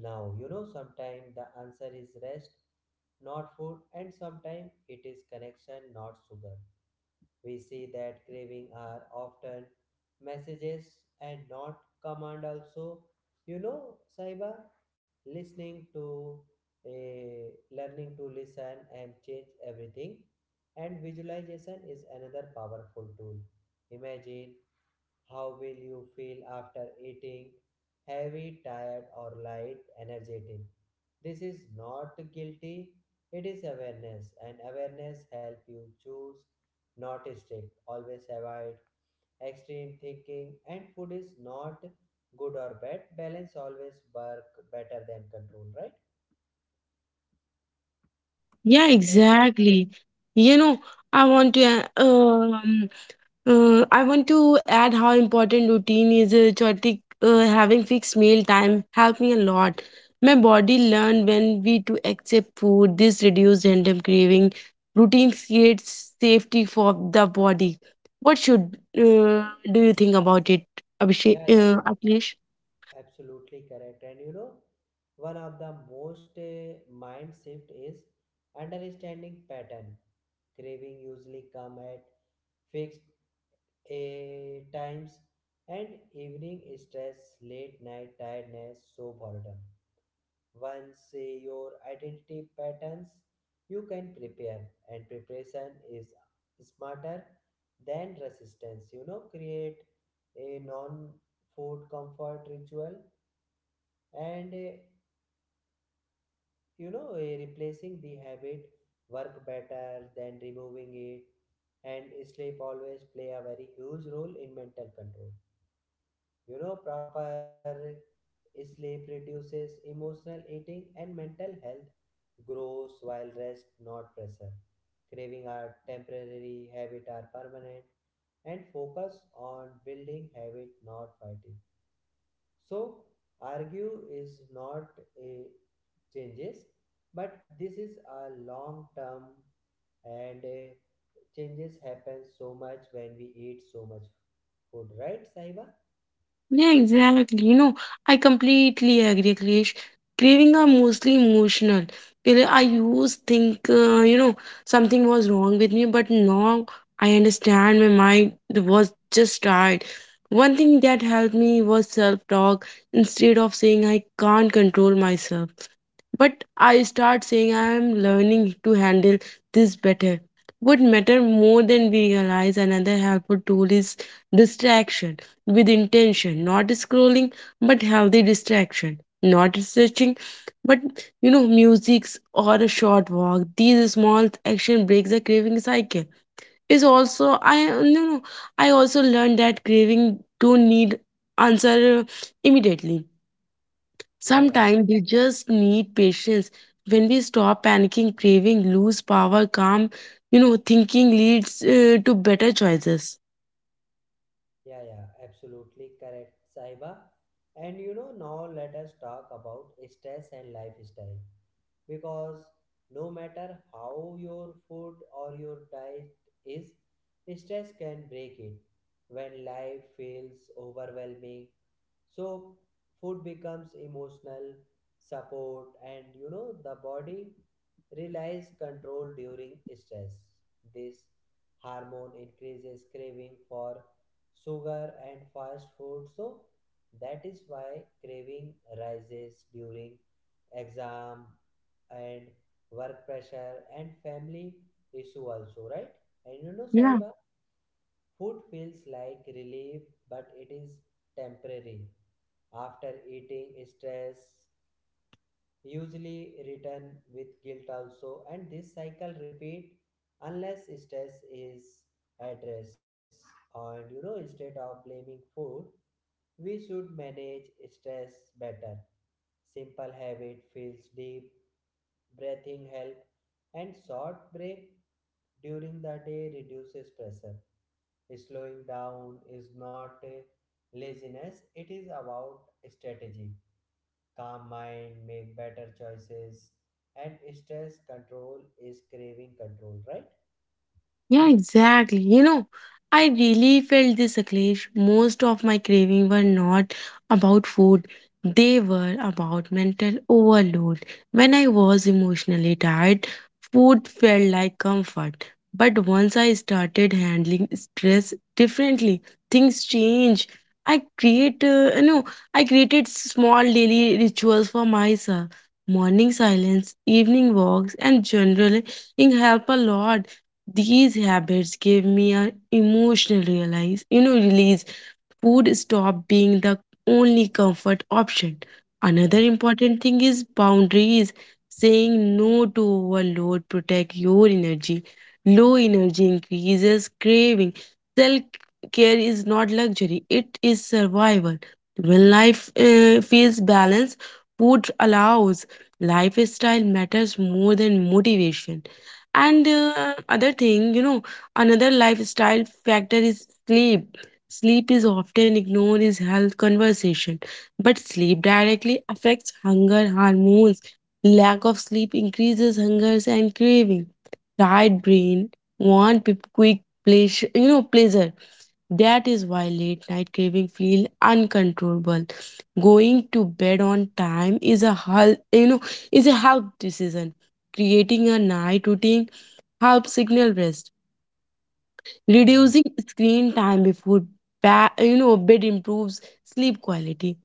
[SPEAKER 1] now? You know, sometimes the answer is rest, not food, and sometimes it is connection, not sugar. We see that craving are often messages and not command also. You know, Saiba, listening to eh, learning to listen and change everything. And visualization is another powerful tool. Imagine how will you feel after eating? Heavy, tired, or light, energetic? This is not guilty, it is awareness, and awareness help you choose, not strict. Always avoid extreme thinking, and food is not good or bad. Balance always work better than control, right?
[SPEAKER 2] Yeah,
[SPEAKER 1] Right, Sai?
[SPEAKER 2] exactly. You know, I want to uh, um uh, I want to add how important routine is. Uh, Jyotik, uh, having fixed meal time helped me a lot. My body learned when we to accept food. This reduced random craving. Routine creates safety for the body. What should uh, do you think about it, Abhishek?
[SPEAKER 1] Yeah, yeah.
[SPEAKER 2] Uh, Akhilesh?
[SPEAKER 1] Absolutely correct. And you know, one of the most uh, mind shift is understanding pattern. Craving usually come at fixed uh, times, and evening stress, late night tiredness, so boredom. Once uh, your identity patterns, you can prepare, and preparation is smarter than resistance. You know, create a non-food comfort ritual. And uh, you know eh, replacing the habit work better than removing it. And sleep always play a very huge role in mental control. You know proper sleep reduces emotional eating, and mental health grows while rest, not pressure. Craving are temporary, habit are permanent. And focus on building habit, not fighting. So argue is not a changes, but this is a long term. And uh, changes happen so much when we eat so much food, right, Sahiba?
[SPEAKER 2] Yeah, exactly. You know, I completely agree, Krish. Craving are mostly emotional. Till I used think, uh, you know, something was wrong with me, but now I understand my mind was just tired. One thing that helped me was self-talk. Instead of saying I can't control myself. But I start saying I am learning to handle this better. What matter more than we realize, another helpful tool is distraction with intention, not scrolling but healthy distraction, not searching, but you know, musics or a short walk. These small action breaks the craving cycle. Is also I you know I also learned that craving don't need answer uh, immediately.
[SPEAKER 1] Yeah, yeah,
[SPEAKER 2] Sometimes we just need patience. When we stop panicking, craving, lose power, calm, you know, thinking leads uh, to better choices.
[SPEAKER 1] yeah, yeah, absolutely correct, Sahiba. And you know now let us talk about stress and lifestyle because no matter how your food or your diet is, stress can break it when life feels overwhelming. So, food becomes emotional support, and you know, the body relies control during stress. This hormone increases craving for sugar and fast food, so that is why craving rises during exam and work pressure and family issue also, right? And you know, Saiba, food feels like relief, but it is temporary. After eating, stress usually return with guilt also, and this cycle repeat unless stress is addressed. And you know, instead of blaming food, we should manage stress better. Simple habit feels deep, breathing help, and short break during the day reduces pressure. Slowing down is not uh, laziness, it is about strategy. Calm mind, make better choices, and stress control is craving control, right?
[SPEAKER 2] Yeah, exactly. You know, I really felt this, Akhilesh. Most of my craving were not about food. They were about mental overload. When I was emotionally tired, food felt like comfort. But once I started handling stress differently, things change. I create, uh, you know, I created small daily rituals for myself. Morning silence, evening walks, and journaling help a lot. These habits gave me an emotional realize, you know, release. Food stop being the only comfort option. Another
[SPEAKER 1] Yeah,
[SPEAKER 2] important thing is boundaries. Saying no to overload protect your energy. Low energy increases craving. Self care is not luxury; it is survival. When life uh, feels balanced, food allows. Lifestyle matters more than motivation. And uh, other thing, you know, another lifestyle factor is sleep. Sleep is often ignored in health conversation, but sleep directly affects hunger hormones. Lack of sleep increases hunger and craving. Tired brain want pe- quick pleasure, you know, pleasure. That is why late night craving feel uncontrollable. Going to bed on time is a health, you know, is a health decision. Creating a night routine helps signal rest.
[SPEAKER 1] yeah, yeah. yeah.
[SPEAKER 2] Reducing screen time before ba- you know bed improves sleep quality,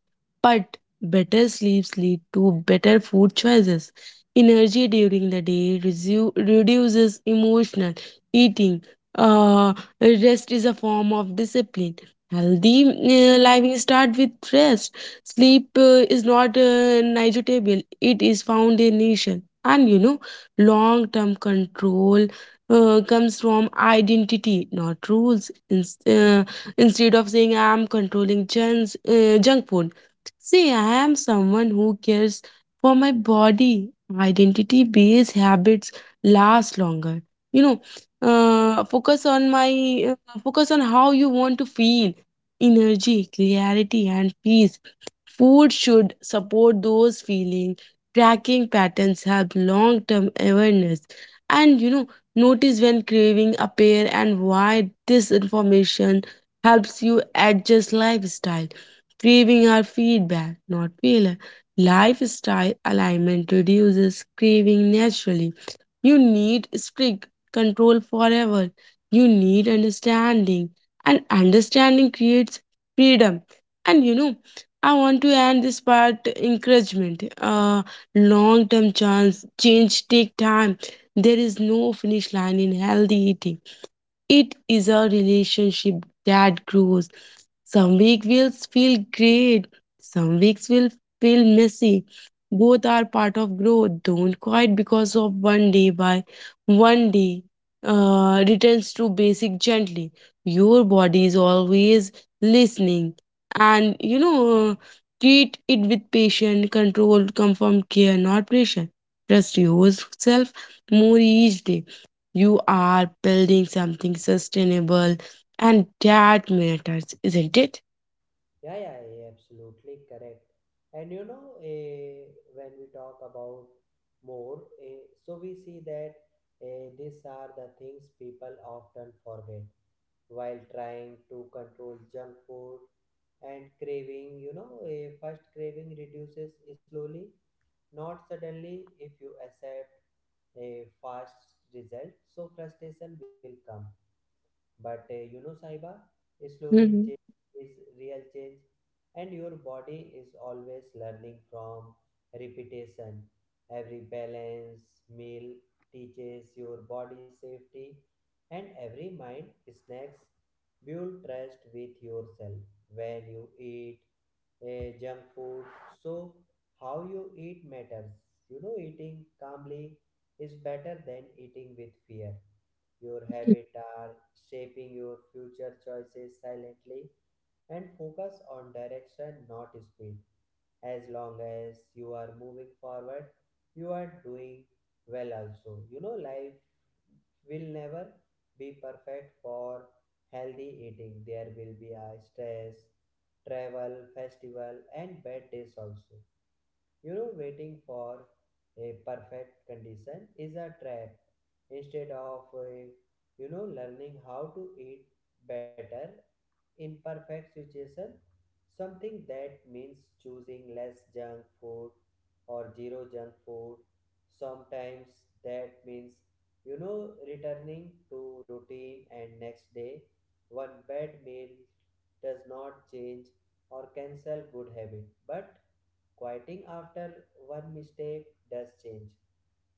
[SPEAKER 2] but better sleeps lead to better food choices. Energy during the day resu- reduces emotional eating. Uh, rest is a form of discipline. Healthy uh, living start with rest. Sleep uh, is not uh, negotiable; it is foundation. And you know, long-term control uh, comes from identity, not rules. Ins uh, instead of saying I am controlling junk, uh, junk food, say I am someone who cares for my body. Identity based habits last longer. You know, uh, focus on my uh, focus on how you want to feel energy clarity and peace. Food should support those feelings. Tracking patterns help long term awareness. And you know, notice when craving appear and why this information helps you adjust lifestyle. Craving are feedback, not failure. Lifestyle alignment reduces craving naturally. You need strict control forever. You need understanding. And understanding creates freedom. And you know, I want to end this part encouragement. Uh, long term chance change take time. There is no finish line in healthy eating. It is a relationship that grows. Some weeks will feel great, some weeks will feel messy. Both are part of growth. Don't quit because of one day by one day, uh, returns to basic gently. Your body is always listening. And you know, treat it with patience, control, confirmed care, not pressure. Trust yourself more each day. You are building something sustainable, and that matters, isn't it?
[SPEAKER 1] Yeah, yeah, yeah, absolutely correct. And you know, eh, when we talk about more, eh, so we see that eh, these are the things people often forget while trying to control junk food and craving. You know, a first craving reduces slowly, not suddenly, if you accept a fast result. So frustration will come, but uh, you know, Saiba, slowly
[SPEAKER 2] Hmm.
[SPEAKER 1] change is real change, and your body is always learning from repetition. Every balance meal teaches your body safety, and every mind snacks build trust with yourself. When you eat, eh, junk food. So how you eat matters. You know, eating calmly is better than eating with fear. Your habits are shaping your future choices silently, and focus on direction, not speed. As long as you are moving forward, you are doing well also. You know, life will never be perfect for healthy eating. There will be a stress, travel, festival, and bad days also. You know, waiting for a perfect condition is a trap. Instead of, uh, you know, learning how to eat better imperfect situation, something that means choosing less junk food or zero junk food, sometimes that means, you know, returning to routine and next day, one bad meal does not change or cancel good habit, but quieting after one mistake does change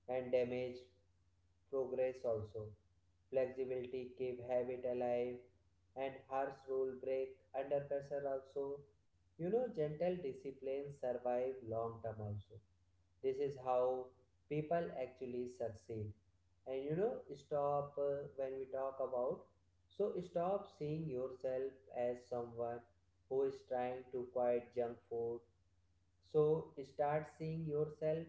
[SPEAKER 1] and damage progress also. Flexibility keep habit alive, and harsh rule break under pressure also. You know, gentle disciplines survive long term also. This is how people actually succeed. And you know, stop uh, when we talk about. So stop seeing yourself as someone who is trying to quit junk food. So start seeing yourself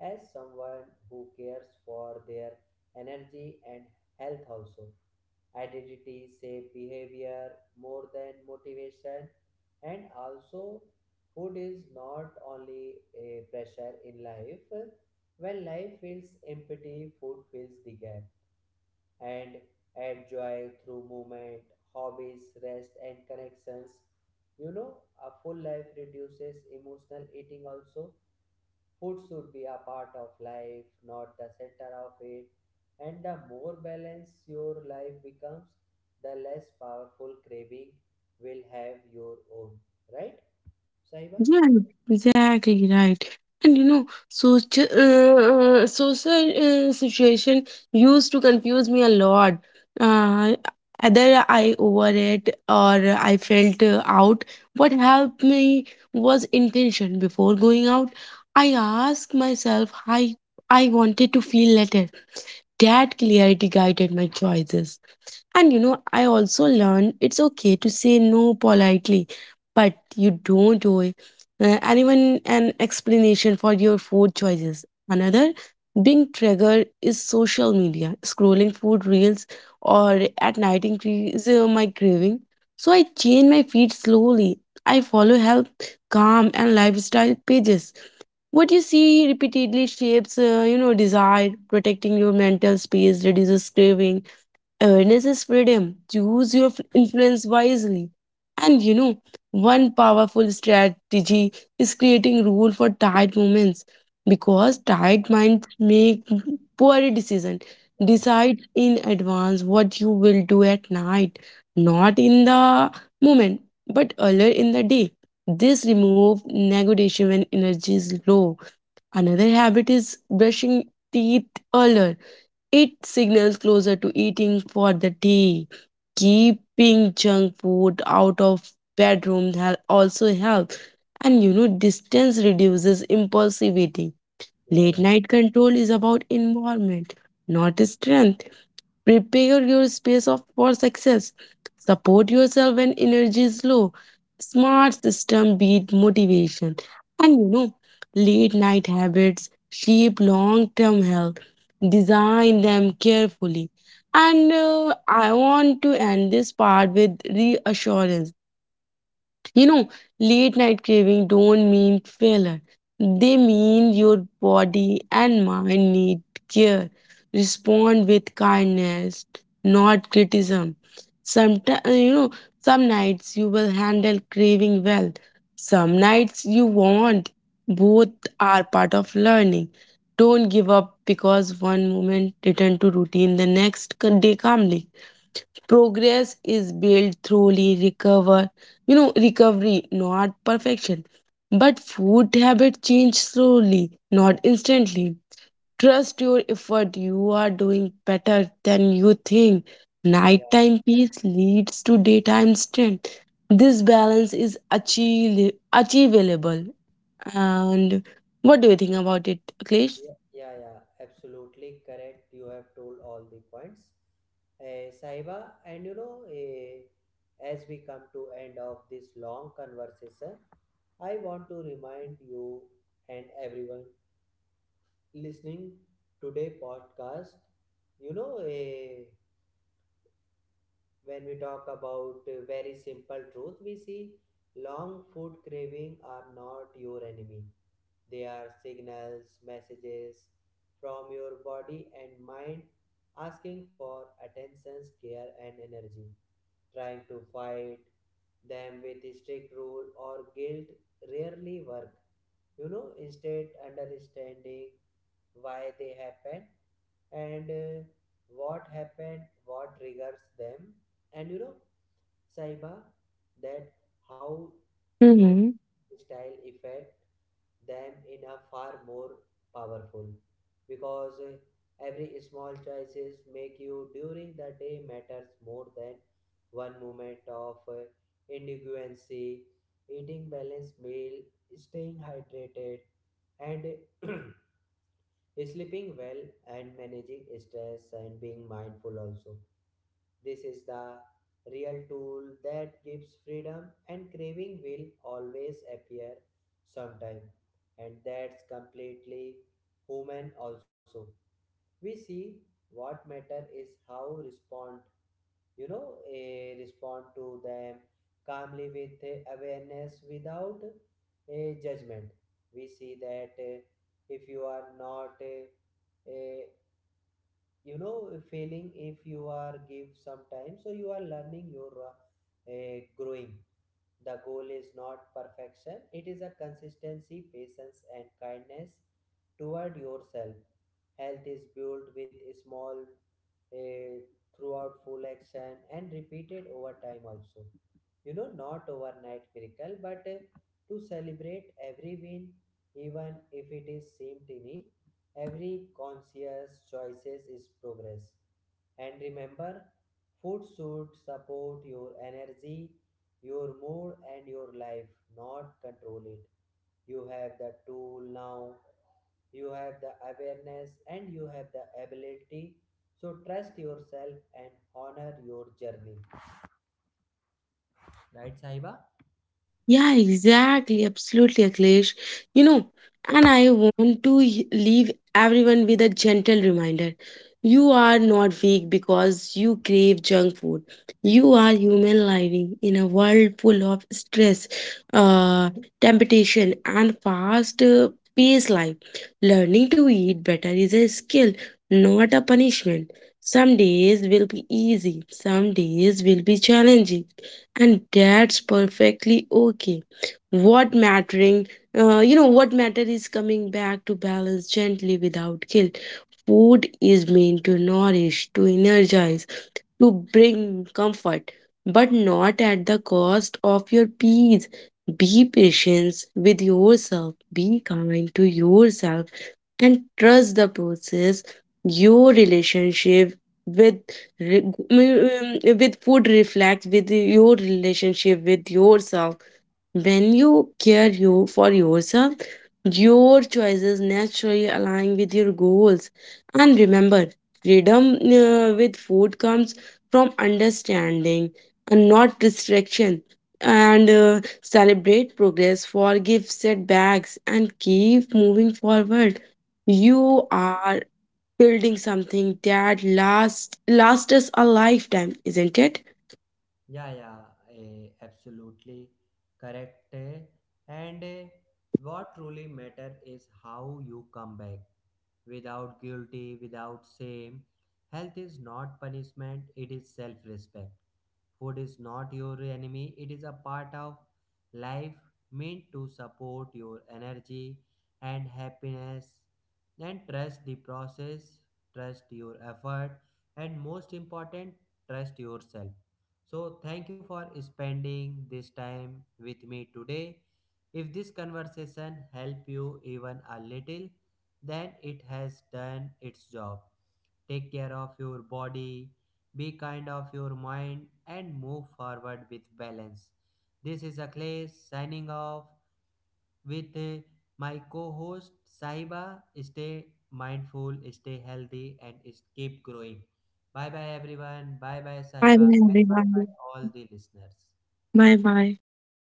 [SPEAKER 1] as someone who cares for their energy and health also. Identity shape behavior more than motivation. And also, food is not only a pressure in life. When life feels empty, food fills the gap. And add joy through movement, hobbies, rest, and connections. You know, a full life reduces emotional eating also. Food should be a part of life, not the center of it. And the more balanced your life becomes, the less powerful craving will have your own. Right, Saiba?
[SPEAKER 2] Yeah, exactly right. And you know, social uh, social uh, situation used to confuse me a lot. Uh, either I overate, or I felt uh, out. What helped me was intention. Before going out, I asked myself, "I I wanted to feel better." That clarity guided my choices. And you know, I also learned it's okay to say no politely, but you don't owe uh, anyone an explanation for your food choices. Another being triggered is social media. Scrolling food reels or at night increase uh, my craving. So I change my feed slowly. I follow health, calm, and lifestyle pages. What you see repeatedly shapes, uh, you know, desire. Protecting your mental space reduces craving. Awareness is freedom. Choose your f- influence wisely. And you know, one powerful strategy is creating rule for tired moments because
[SPEAKER 1] Yeah,
[SPEAKER 2] tired minds make poor decision.
[SPEAKER 1] yeah, yeah,
[SPEAKER 2] Decide in advance what you will do at night, not in the moment, but earlier in the day. This remove negotiation when energy is low. Another habit is brushing teeth earlier. It signals closer to eating for the day. Keeping junk food out of bedroom hel- also helps. And you know, distance reduces impulsivity.
[SPEAKER 1] yeah,
[SPEAKER 2] Late
[SPEAKER 1] yeah,
[SPEAKER 2] night control is about environment, not strength. Prepare your space of, for success. Support yourself when energy is low. Smart system beat motivation. And you know, late night habits shape long term health. Design them carefully. And uh, I want to end this part with reassurance. you know, Late night craving don't mean failure. They mean your body and mind need care. Respond with kindness, not criticism. Sometimes, you know, some nights you will handle craving well. Some nights you won't. Both are part of learning. Don't give up because one moment, return to routine the next day calmly. Progress is built through recover, you know, recovery, not perfection. But food habit change slowly, not instantly. Trust your effort. You are doing better than you think.
[SPEAKER 1] yeah,
[SPEAKER 2] Nighttime peace leads to daytime strength. This balance is achieve- achievable. And what do you think about it, Aklesh?
[SPEAKER 1] yeah, yeah. yeah. Absolutely correct. You have told all the points, uh, Saiba. And you know, eh, as we come to end of this long conversation, I want to remind you and everyone listening today podcast, you know, a when we talk about uh, very simple truth, we see long food craving are not your enemy. They are signals, messages from your body and mind asking for attention, care, and energy. Trying to fight them with strict rule or guilt rarely work. You know, instead understanding why they happen and uh, what happened, what triggers them, and you know, Saiba, that how your style affect them in a far more powerful, because uh, every small choices make you during the day matters more than one moment of uh, indigency. Eating balanced meal, staying hydrated, and sleeping well, and managing stress, and being mindful also, this is the real tool that gives freedom. And craving will always appear sometime, and that's completely human also. We see what matter is how respond, you know, eh, respond to them calmly with eh, awareness, without a judgment. We see that, eh, if you are not eh, eh, you know, failing if you are give some time, so you are learning, you are eh, growing. The goal is not perfection, it is a consistency, patience, and kindness toward yourself. Health is built with small eh, throughout full action and repeated over time also. You know, not overnight miracle, but eh, to celebrate every win, even if it is seem tiny. Every conscious choices is progress. And remember, food should support your energy, your mood, and your life, not control it. You have the tool now, you have the awareness, and you have the ability. So trust yourself and honor your journey, right, Saiba?
[SPEAKER 2] Yeah, exactly. Absolutely, Akhilesh. You know, and I want to y- leave everyone with a gentle reminder. You are not weak because you crave junk food. You are human living in a world full of stress, uh, temptation, and fast uh, paced life. Learning to eat better is a skill, not a punishment. Some days will be easy, some days will be challenging, and that's perfectly okay. What mattering uh, you know what matter is coming back to balance gently without guilt. Food is meant to nourish, to energize, to bring comfort, but not at the cost of your peace. Be patient with yourself, be kind to yourself, and trust the process. Your relationship with re- mm, mm, with food reflects with your relationship with yourself. When you care you for yourself, your choices naturally align with your goals. And remember, freedom uh, with food comes from understanding and not restriction. And uh, celebrate progress, forgive setbacks, and keep moving forward. You are building something that lasts lasts us a lifetime, isn't it?
[SPEAKER 1] Yeah, yeah, eh, absolutely correct. eh. And eh, what truly matter is how you come back, without guilty, without shame. Health is not punishment, it is self respect. Food is not your enemy, it is a part of life, meant to support your energy and happiness. And trust the process, trust your effort, and most important, trust yourself. So, thank you for spending this time with me today. If this conversation helped you even a little, then it has done its job. Take care of your body, be kind of your mind, and move forward with balance. This is Akhilesh signing off with uh, my co host Sahiba. Stay mindful, stay healthy, and is- keep growing. Bye bye, everyone. Bye bye,
[SPEAKER 2] Bye bye,
[SPEAKER 1] Sahiba. And
[SPEAKER 2] everyone.
[SPEAKER 1] bye bye, all the listeners.
[SPEAKER 2] Bye bye.